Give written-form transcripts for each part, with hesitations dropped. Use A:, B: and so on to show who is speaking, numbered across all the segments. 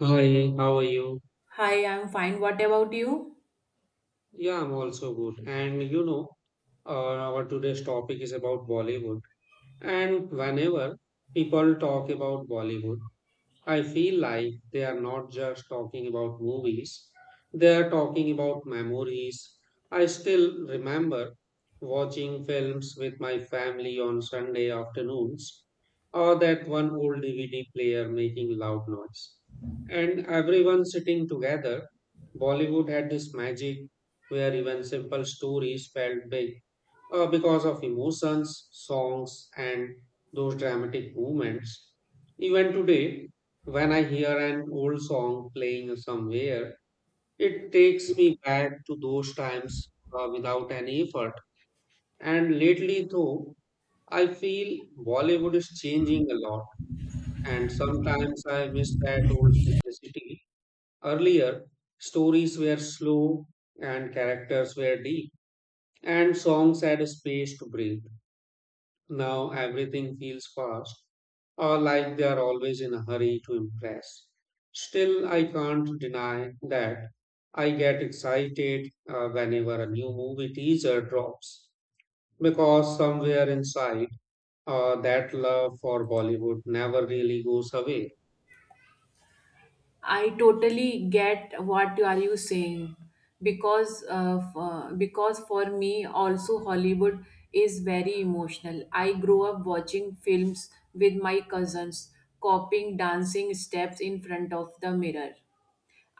A: Hi, how are you?
B: Hi, I'm fine. What about you?
A: Yeah, I'm also good. And you know, our today's topic is about Bollywood. And whenever people talk about Bollywood, I feel like they are not just talking about movies, they are talking about memories. I still remember watching films with my family on Sunday afternoons, or that one old DVD player making loud noise. And everyone sitting together, Bollywood had this magic where even simple stories felt big because of emotions, songs, and those dramatic moments. Even today, when I hear an old song playing somewhere, it takes me back to those times without any effort. And lately, though, I feel Bollywood is changing a lot, and sometimes I miss that old simplicity. Earlier, stories were slow and characters were deep, and songs had space to breathe. Now everything feels fast or like they are always in a hurry to impress. Still, I can't deny that I get excited whenever a new movie teaser drops because somewhere inside that love for Bollywood never really goes away.
B: I totally get what you are you saying because for me also Hollywood is very emotional. I grew up watching films with my cousins, copying dancing steps in front of the mirror,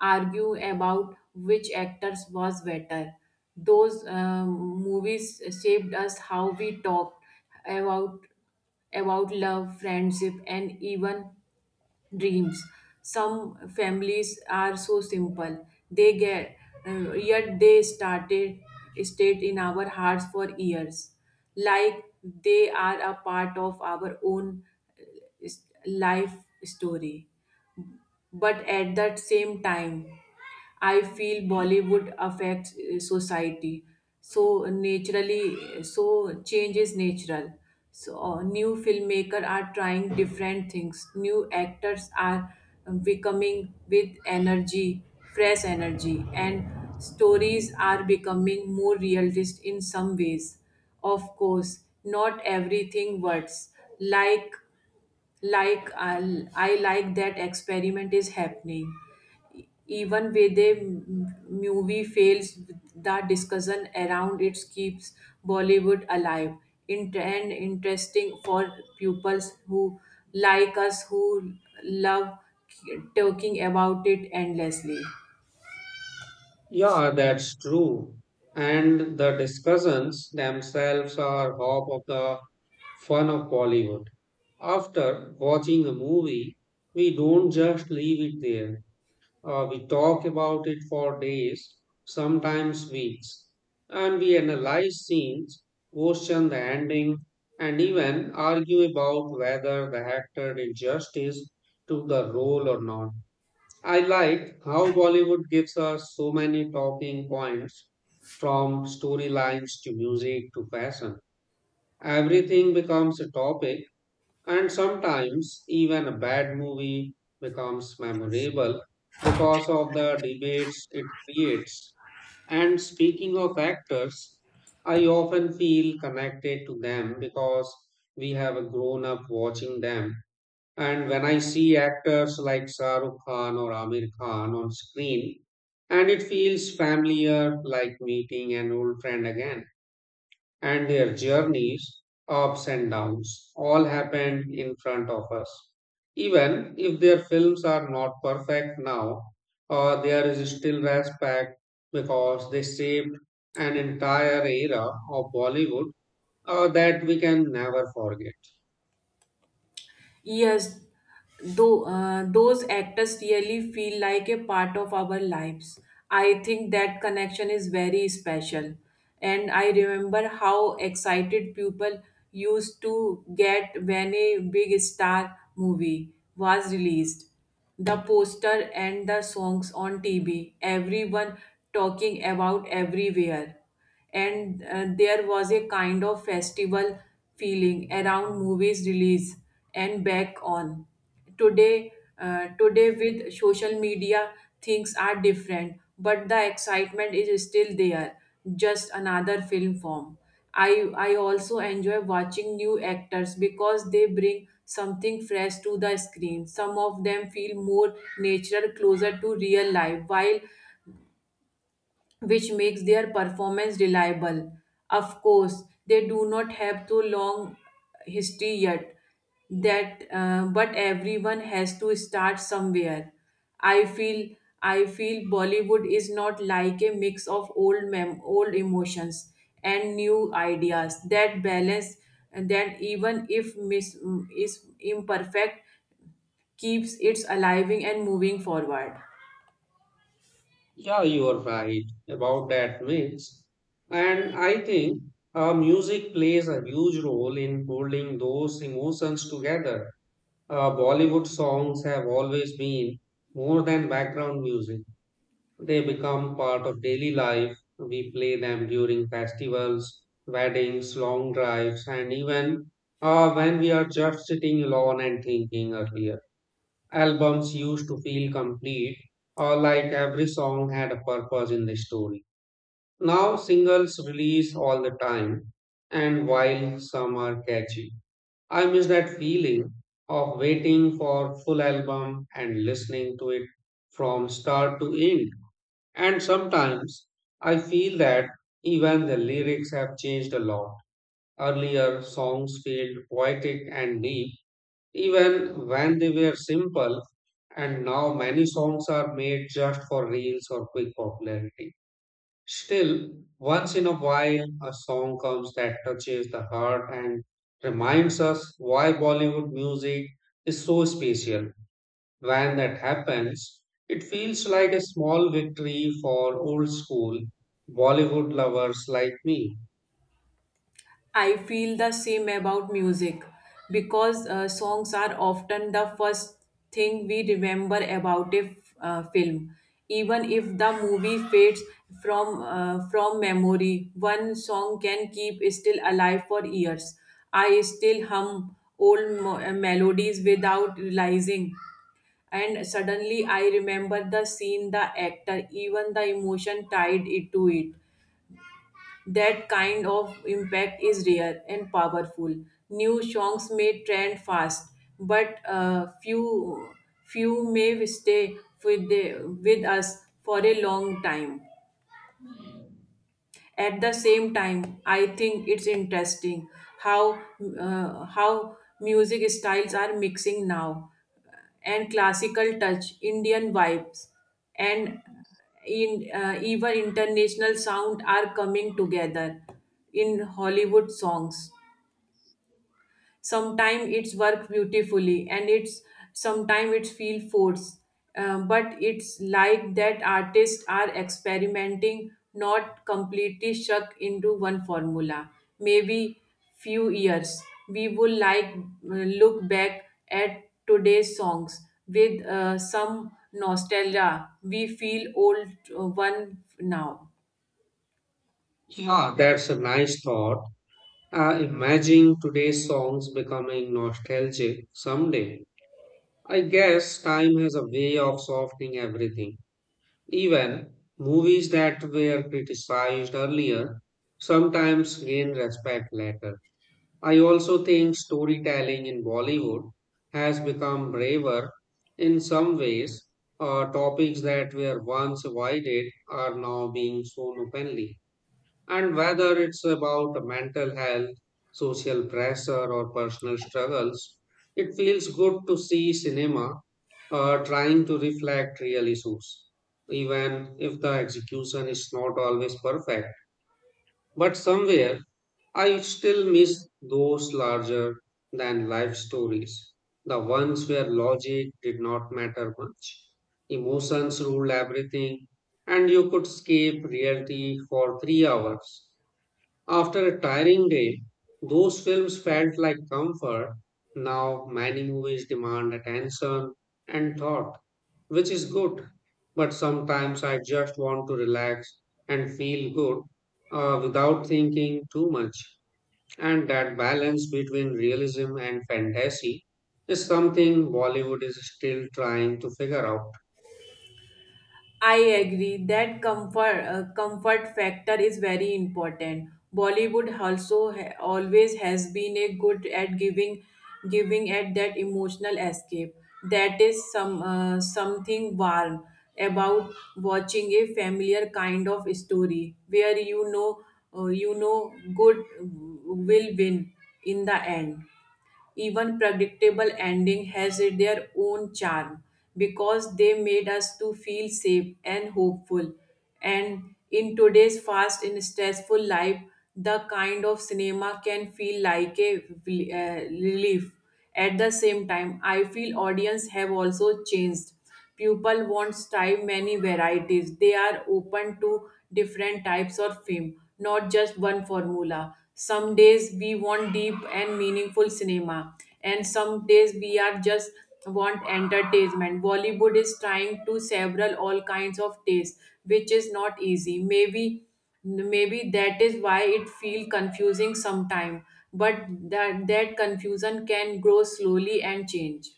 B: argue about which actors was better. Those Movies shaped us how we talked about about love, friendship, and even dreams. Some families are so simple, they get yet they started stayed in our hearts for years, like they are a part of our own uh, life story. But at that same time, I feel Bollywood affects society so naturally, so change is natural. So new filmmaker are trying different things. New actors are becoming with energy, fresh energy, and stories are becoming more realistic in some ways. Of course, not everything works, like like I like that experiment is happening. Even when the movie fails, the discussion around it keeps Bollywood alive and interesting for pupils, who like us, who love talking about it endlessly.
A: Yeah, that's true. And the discussions themselves are half of the fun of Bollywood. After watching a movie, we don't just leave it there. We talk about it for days, sometimes weeks, and we analyze scenes, question the ending, and even argue about whether the actor did justice to the role or not. I like how Bollywood gives us so many talking points from storylines to music to fashion. Everything becomes a topic and sometimes even a bad movie becomes memorable because of the debates it creates. And speaking of actors, I often feel connected to them because we have grown up watching them. And when I see actors like Shah Rukh Khan or Amir Khan on screen, and it feels familiar like meeting an old friend again and their journeys, ups and downs, all happened in front of us. Even if their films are not perfect now, there is still respect because they shaped an entire era of Bollywood that we can never forget.
B: Yes, though those actors really feel like a part of our lives. I think that connection is very special. And I remember how excited people used to get when a big star movie was released. The poster and the songs on TV, everyone talking about everywhere, and there was a kind of festival feeling around movies release. And back on today, today with social media things are different, but the excitement is still there, just another film form. I i also enjoy watching new actors because they bring something fresh to the screen. Some of them feel more natural, closer to real life, while which makes their performance reliable. Of course, they do not have too long history yet. But everyone has to start somewhere. I feel, I feel Bollywood is not like a mix of old emotions and new ideas. That balance, that even if is imperfect, keeps it alive and moving forward.
A: Yeah, you are right about that mix. And I think music plays a huge role in holding those emotions together. Bollywood songs have always been more than background music. They become part of daily life. We play them during festivals, weddings, long drives, and even when we are just sitting alone and thinking earlier. Albums used to feel complete or like every song had a purpose in the story. Now singles release all the time, and while some are catchy, I miss that feeling of waiting for full album and listening to it from start to end. And sometimes I feel that even the lyrics have changed a lot. Earlier songs felt poetic and deep even when they were simple and now many songs are made just for reels or quick popularity. Still, once in a while, a song comes that touches the heart and reminds us why Bollywood music is so special. When that happens, it feels like a small victory for old school Bollywood lovers like me.
B: I feel the same about music because songs are often the first thing we remember about a film. Even if the movie fades from memory, one song can keep still alive for years. I still hum melodies without realizing, and suddenly I remember the scene, the actor, even the emotion tied it to it. That kind of impact is rare and powerful. New songs may trend fast, but few may stay with us for a long time. At the same time, I think it's interesting how how music styles are mixing now, and classical touch, Indian vibes, and in even international sound are coming together in Hollywood songs. Sometimes it's work beautifully, and it's sometimes it's feel forced. But it's like that artists are experimenting, not completely stuck into one formula. Maybe few years we will like look back at today's songs with some nostalgia. We feel old one now.
A: Yeah, that's a nice thought. Imagine today's songs becoming nostalgic someday. I guess time has a way of softening everything. Even movies that were criticized earlier sometimes gain respect later. I also think storytelling in Bollywood has become braver in some ways. Topics that were once avoided are now being shown openly. And whether it's about mental health, social pressure, or personal struggles, it feels good to see cinema trying to reflect real issues, even if the execution is not always perfect. But somewhere, I still miss those larger than life stories, the ones where logic did not matter much, emotions ruled everything, and you could escape reality for 3 hours after a tiring day, those films felt like comfort. Now, many movies demand attention and thought, which is good. But sometimes I just want to relax and feel good without thinking too much. And that balance between realism and fantasy is something Bollywood is still trying to figure out.
B: I agree that comfort factor is very important. Bollywood also always has been a good at giving giving at that emotional escape. That is something warm about watching a familiar kind of story where you know good will win in the end. Even predictable ending has their own charm because they made us to feel safe and hopeful. And in today's fast and stressful life, the kind of cinema can feel like a relief. At the same time, I feel audience have also changed. Pupil wants time many varieties. They are open to different types of film, not just one formula. Some days we want deep and meaningful cinema, and some days we are just want entertainment. Bollywood is trying to several all kinds of tastes, which is not easy. Maybe that is why it feel confusing sometime, but that confusion can grow slowly and change.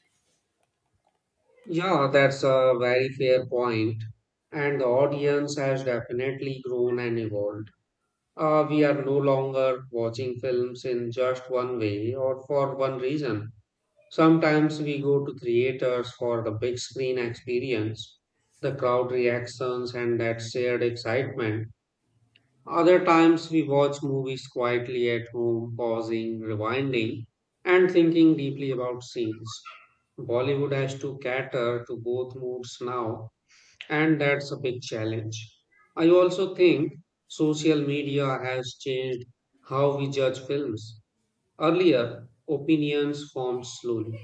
A: Yeah, that's a very fair point, and the audience has definitely grown and evolved. We are no longer watching films in just one way or for one reason. Sometimes we go to theaters for the big screen experience, the crowd reactions, and that shared excitement. Other times we watch movies quietly at home, pausing, rewinding, and thinking deeply about scenes. Bollywood has to cater to both moods now and that's a big challenge. I also think social media has changed how we judge films. Earlier, opinions formed slowly,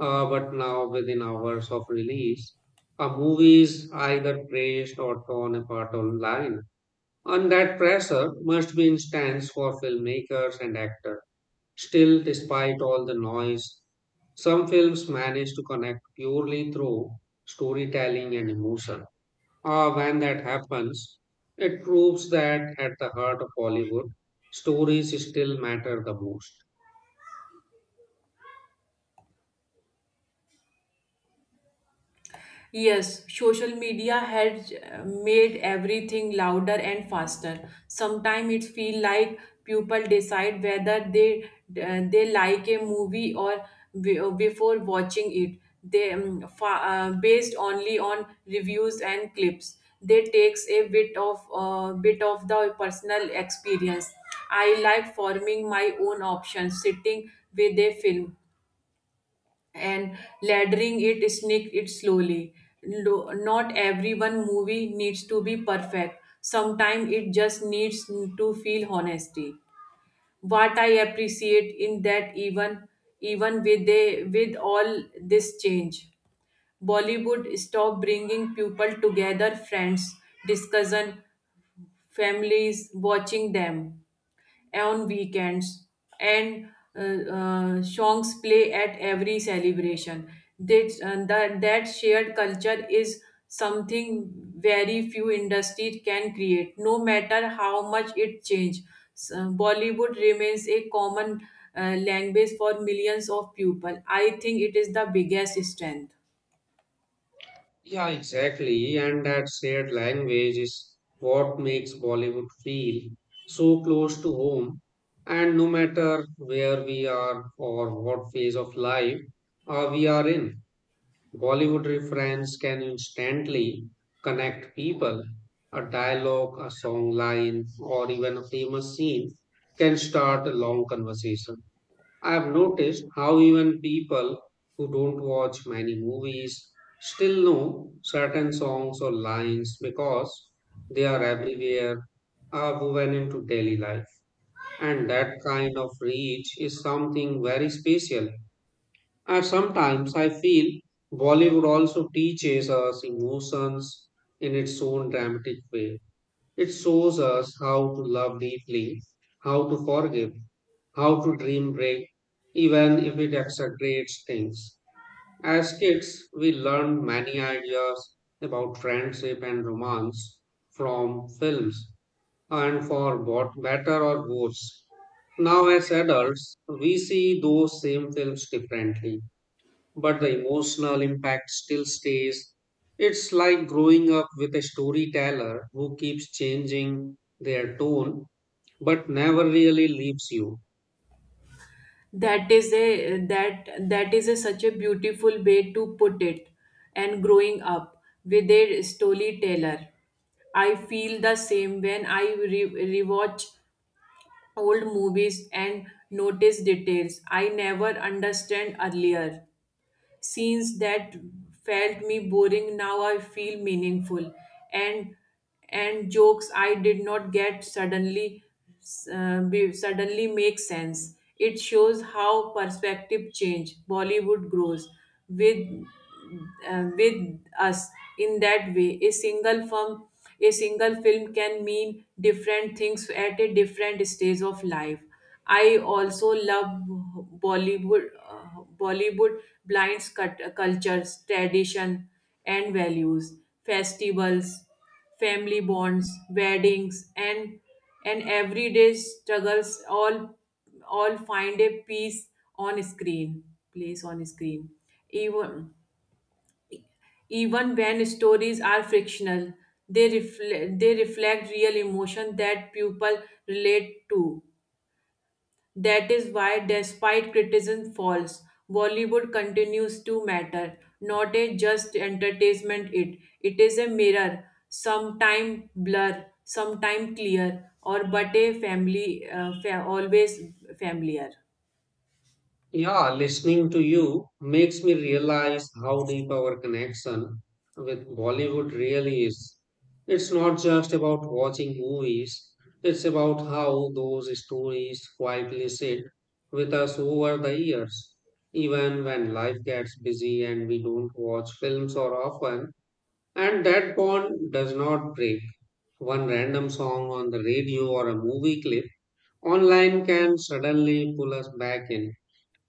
A: but now within hours of release, a movie is either praised or torn apart online. And that pressure must be intense for filmmakers and actors. Still, despite all the noise, some films manage to connect purely through storytelling and emotion. When that happens, it proves that at the heart of Hollywood, stories still matter the most.
B: Yes, social media has made everything louder and faster. Sometimes it feel like people decide whether they like a movie or before watching it. They based only on reviews and clips. They takes a bit of the personal experience. I like forming my own options, sitting with a film and laddering it sneak it slowly. No- Not every one movie needs to be perfect. Sometimes it just needs to feel honesty. What I appreciate in that, even with they with all this change, Bollywood stopped bringing people together, friends discussion, families watching them on weekends, and songs play at every celebration. That shared culture is something very few industries can create. No matter how much it changes, Bollywood remains a common language for millions of people. I think it is the biggest strength.
A: Yeah, exactly. And that shared language is what makes Bollywood feel so close to home. And no matter where we are or what phase of life we are in. Bollywood reference can instantly connect people. A dialogue, a song line, or even a famous scene can start a long conversation. I have noticed how even people who don't watch many movies still know certain songs or lines because they are everywhere, are woven into daily life. And that kind of reach is something very special. And sometimes I feel Bollywood also teaches us emotions in its own dramatic way. It shows us how to love deeply, how to forgive, how to dream big, even if it exaggerates things. As kids, we learned many ideas about friendship and romance from films, and for both better or worse. Now, as adults, we see those same films differently but the emotional impact still stays. It's like growing up with a storyteller who keeps changing their tone but never really leaves you.
B: That is a that that is a such a beautiful way to put it. And growing up with a storyteller, I feel the same when I rewatch old movies and notice details I never understand earlier. Scenes that felt me boring now I feel meaningful, and and jokes I did not get suddenly suddenly make sense. It shows how perspective change. Bollywood grows with with us in that way. A single film can mean different things at a different stage of life. I also love Bollywood. uh, Bollywood blinds cut, cultures, tradition, and values. Festivals, family bonds, weddings, and everyday struggles all find a piece on screen, place on screen. Even even when stories are fictional, they reflect real emotion that people relate to. That is why, despite criticism falls, Bollywood continues to matter, not a just entertainment it. It is a mirror, sometime blur, sometime clear, or but a family, always familiar.
A: Yeah, listening to you makes me realize how deep our connection with Bollywood really is. It's not just about watching movies, it's about how those stories quietly sit with us over the years. Even when life gets busy and we don't watch films or often, and that bond does not break. One random song on the radio or a movie clip online can suddenly pull us back in.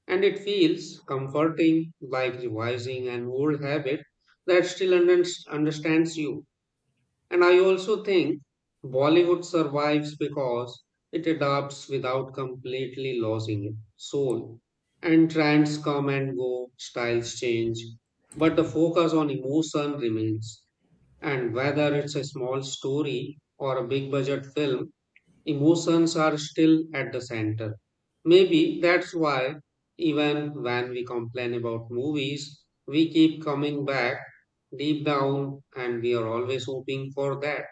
A: And it feels comforting, like revising an old habit that still understands you. And I also think Bollywood survives because it adapts without completely losing its soul. And trends come and go, styles change, but the focus on emotion remains. And whether it's a small story or a big budget film, emotions are still at the center. Maybe that's why, even when we complain about movies, we keep coming back deep down and we are always hoping for that.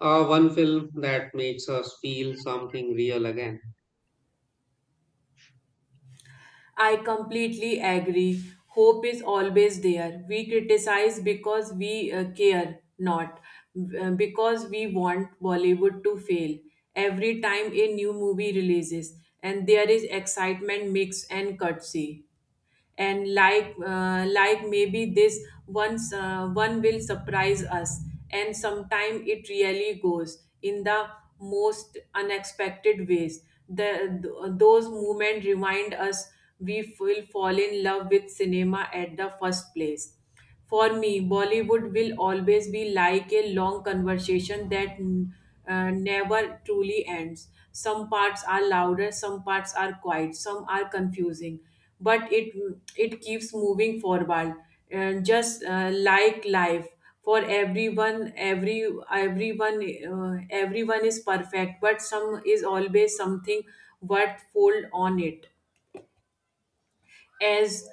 A: One film that makes us feel something real again.
B: I completely agree. Hope is always there. We criticize because we care, not because we want Bollywood to fail. Every time a new movie releases, and there is excitement, mix, and curtsy and like maybe this once one will surprise us. And sometime it really goes in the most unexpected ways. Those moments remind us we will fall in love with cinema at the first place. For me, Bollywood will always be like a long conversation that never truly ends. Some parts are louder, some parts are quiet, some are confusing, but it keeps moving forward. And just like life, for everyone, everyone everyone is perfect, but some is always something worth fold on it. as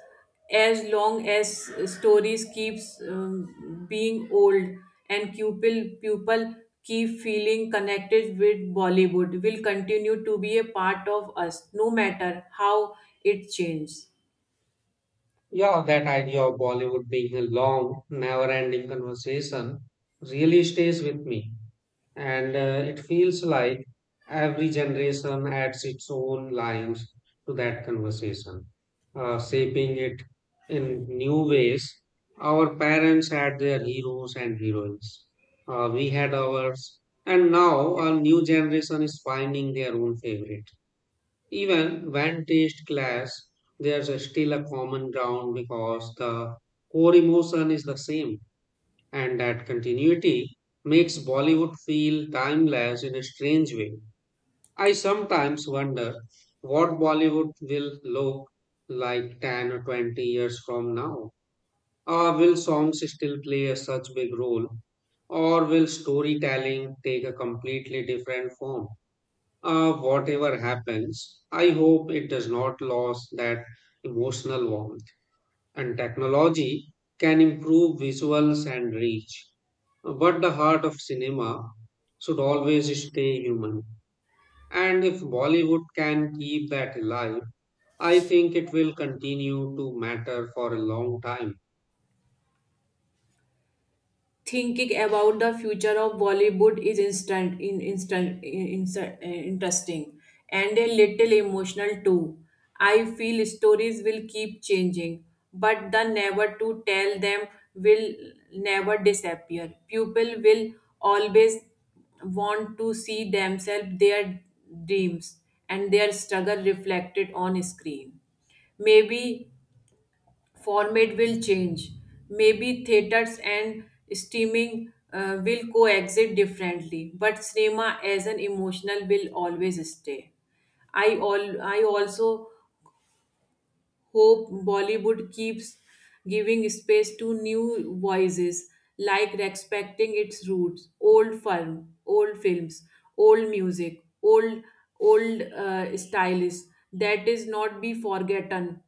B: as long as stories keeps being old, and pupil keep feeling connected with Bollywood, will continue to be a part of us no matter how it changes.
A: Yeah, that idea of Bollywood being a long, never ending conversation really stays with me. And it feels like every generation adds its own lines to that conversation, shaping it in new ways. Our parents had their heroes and heroines, we had ours, and now our new generation is finding their own favorite. Even when taste clash, there's a still a common ground because the core emotion is the same and that continuity makes Bollywood feel timeless in a strange way. I sometimes wonder what Bollywood will look like 10 or 20 years from now. Or will songs still play a such big role? Or will storytelling take a completely different form? Whatever happens, I hope it does not lose that emotional warmth. And technology can improve visuals and reach but the heart of cinema should always stay human. And if Bollywood can keep that alive, I think it will continue to matter for a long time.
B: Thinking about the future of Bollywood is interesting and a little emotional too. I feel stories will keep changing, but the never to tell them will never disappear. People will always want to see themselves, their dreams, and their struggle reflected on screen. Maybe format will change. Maybe theaters and streaming will coexist differently, but cinema as an emotional will always stay. I also hope Bollywood keeps giving space to new voices, like respecting its roots, old films, old music, old old styles that is not be forgotten.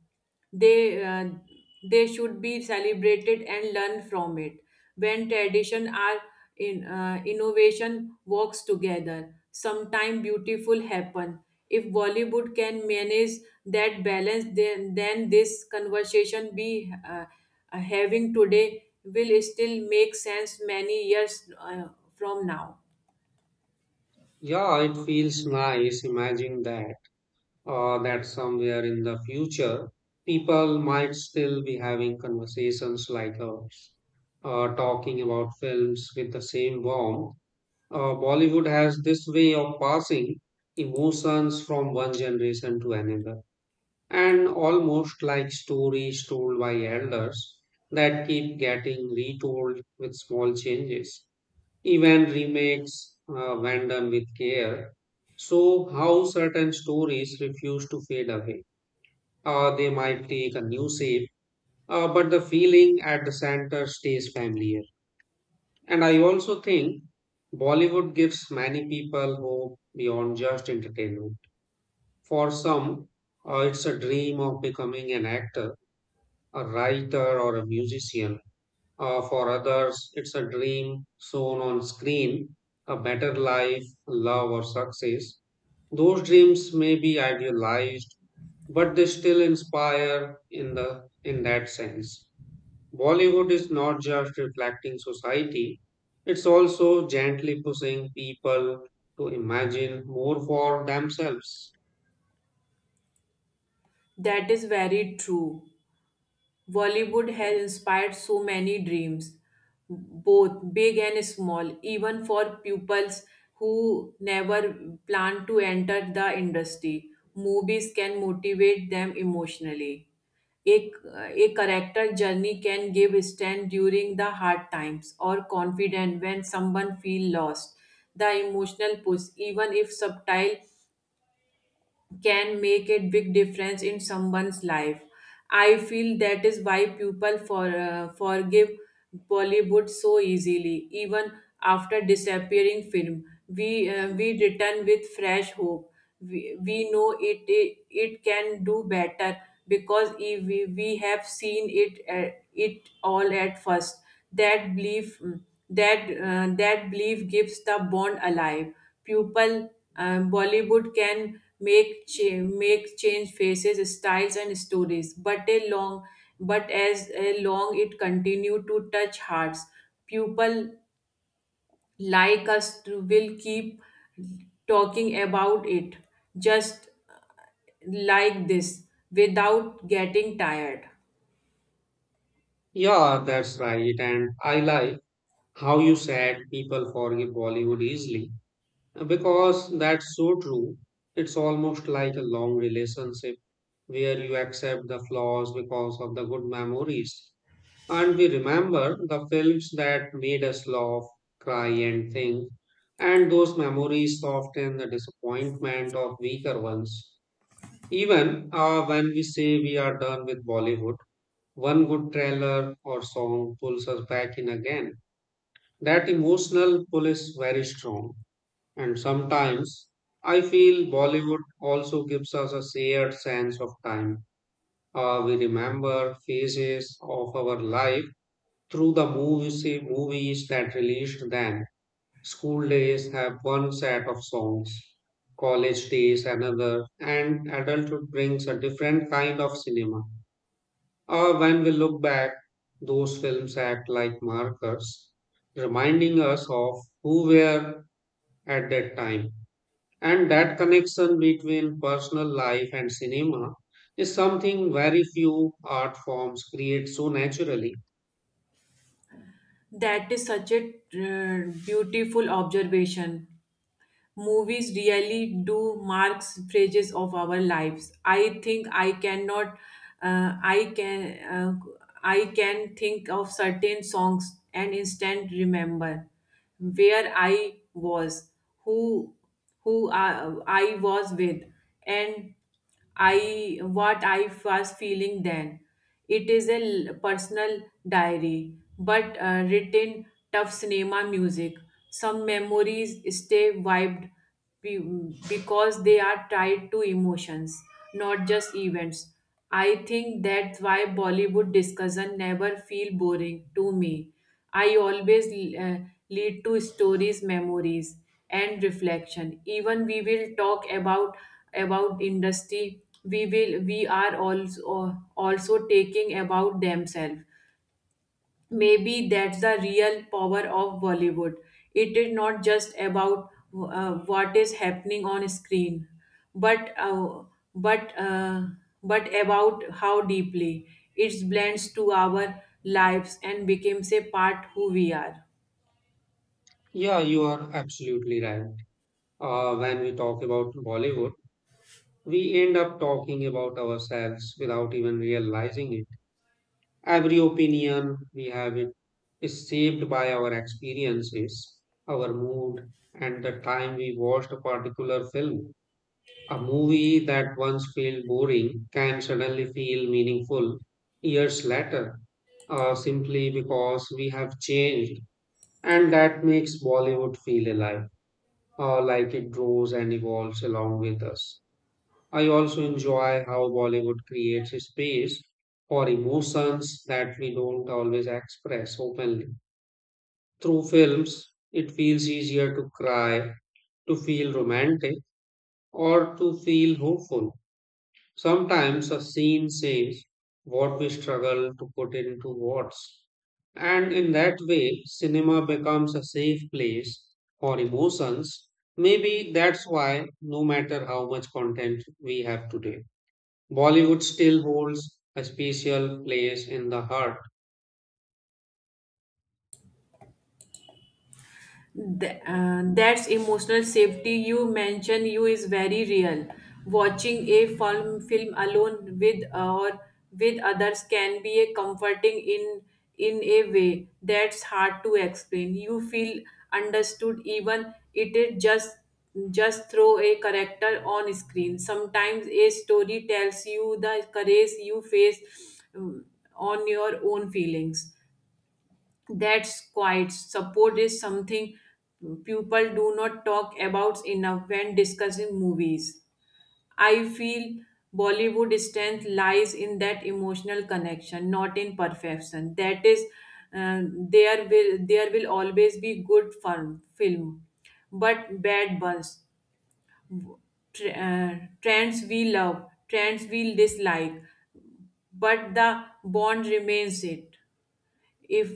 B: they uh, they should be celebrated and learn from it. When tradition are in innovation works together, sometime beautiful happen. If Bollywood can manage that balance, then this conversation be having today will still make sense many years from now.
A: Yeah, it feels nice imagining that that somewhere in the future, people might still be having conversations like ours, talking about films with the same warmth. Bollywood has this way of passing emotions from one generation to another. And almost like stories told by elders that keep getting retold with small changes, even remakes when done with care. So, how certain stories refuse to fade away? They might take a new shape, but the feeling at the center stays familiar. And I also think Bollywood gives many people hope beyond just entertainment. For some, it's a dream of becoming an actor a writer or a musician. For others, it's a dream shown on screen, a better life, love, or success. Those dreams may be idealized, but they still inspire in the in that sense. Bollywood is not just reflecting society, it's also gently pushing people to imagine more for themselves.
B: That is very true. Bollywood has inspired so many dreams, both big and small, even for pupils who never plan to enter the industry. Movies can motivate them emotionally. A, a character journey can give strength during the hard times or confidence when someone feel lost. The emotional push, even if subtle, can make a big difference in someone's life. I feel that is why people forgive Bollywood so easily, even after disappearing film. We return with fresh hope. We know it, it can do better because if we, we have seen it it all at first. That belief that belief gives the bond alive pupil. Bollywood can make change faces, styles, and stories, but a long but as a long it continue to touch hearts. People like us will keep talking about it, just like this, without getting tired.
A: Yeah, that's right. And I like how you said people forgive Bollywood easily. Because that's so true. It's almost like a long relationship where you accept the flaws because of the good memories. And we remember the films that made us laugh, cry, and think. And those memories soften the disappointment of weaker ones. Even when we say we are done with Bollywood, one good trailer or song pulls us back in again. That emotional pull is very strong. And sometimes I feel Bollywood also gives us a shared sense of time. We remember phases of our life through the movies that released then. School days have one set of songs, college days another, and adulthood brings a different kind of cinema. When we look back, those films act like markers, reminding us of who we were at that time. And that connection between personal life and cinema is something very few art forms create so naturally.
B: That is such a beautiful observation. Movies really do marks phases of our lives. I think I cannot I can I can think of certain songs and instant remember where I was, who who I was with, and I what I was feeling then. It is a personal diary, but written tough cinema music. Some memories stay wiped because they are tied to emotions, not just events. I think that's why Bollywood discussion never feel boring to me. I always uh, lead to stories, memories, and reflection. Even we will talk about industry, we will we are also taking about themselves. Maybe that's the real power of Bollywood. It is not just about what is happening on screen, but uh, but uh, but about how deeply it blends to our lives and becomes a part who we are.
A: Yeah, you are absolutely right. When we talk about Bollywood, we end up talking about ourselves without even realizing it. Every opinion we have it is shaped by our experiences, our mood, and the time we watched a particular film. A movie that once felt boring can suddenly feel meaningful years later, simply because we have changed, and that makes Bollywood feel alive, like it grows and evolves along with us. I also enjoy how Bollywood creates a space for emotions that we don't always express openly. Through films, it feels easier to cry, to feel romantic, or to feel hopeful. Sometimes a scene says what we struggle to put into words. And in that way, cinema becomes a safe place for emotions. Maybe that's why, no matter how much content we have today, Bollywood still holds a special place in the heart.
B: That's emotional safety you mention you is very real. Watching a film alone with or with others can be a comforting in a way that's hard to explain. You feel understood, even it is just throw a character on screen. Sometimes a story tells you the courage you face um, on your own feelings. That's quite support is something people do not talk about enough when discussing movies. I feel Bollywood strength lies in that emotional connection, not in perfection. That is uh, there will there will always be good fun, film, but bad ones. Tr- uh, Trends we love, trends we dislike, but the bond remains it if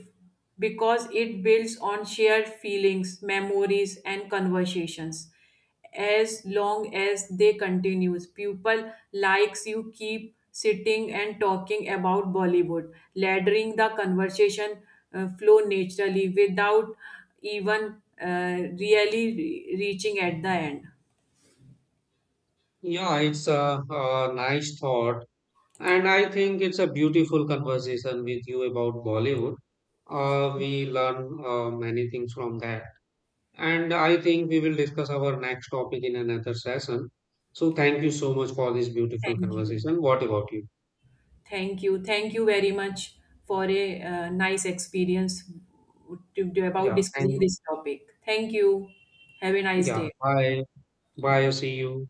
B: because it builds on shared feelings, memories, and conversations. As long as they continues, people likes you keep sitting and talking about Bollywood, laddering the conversation flow naturally without even really reaching at the end.
A: Yeah, it's a nice thought. And I think it's a beautiful conversation with you about Bollywood. We learn many things from that. And I think we will discuss our next topic in another session. So thank you so much for this beautiful
B: Thank you.
A: conversation. What about you?
B: Thank you very much for a nice experience about
A: Yeah,
B: discussing
A: thank
B: this topic. Thank you. Have a nice
A: yeah.
B: day.
A: Bye. Bye.
B: Bye.
A: See you.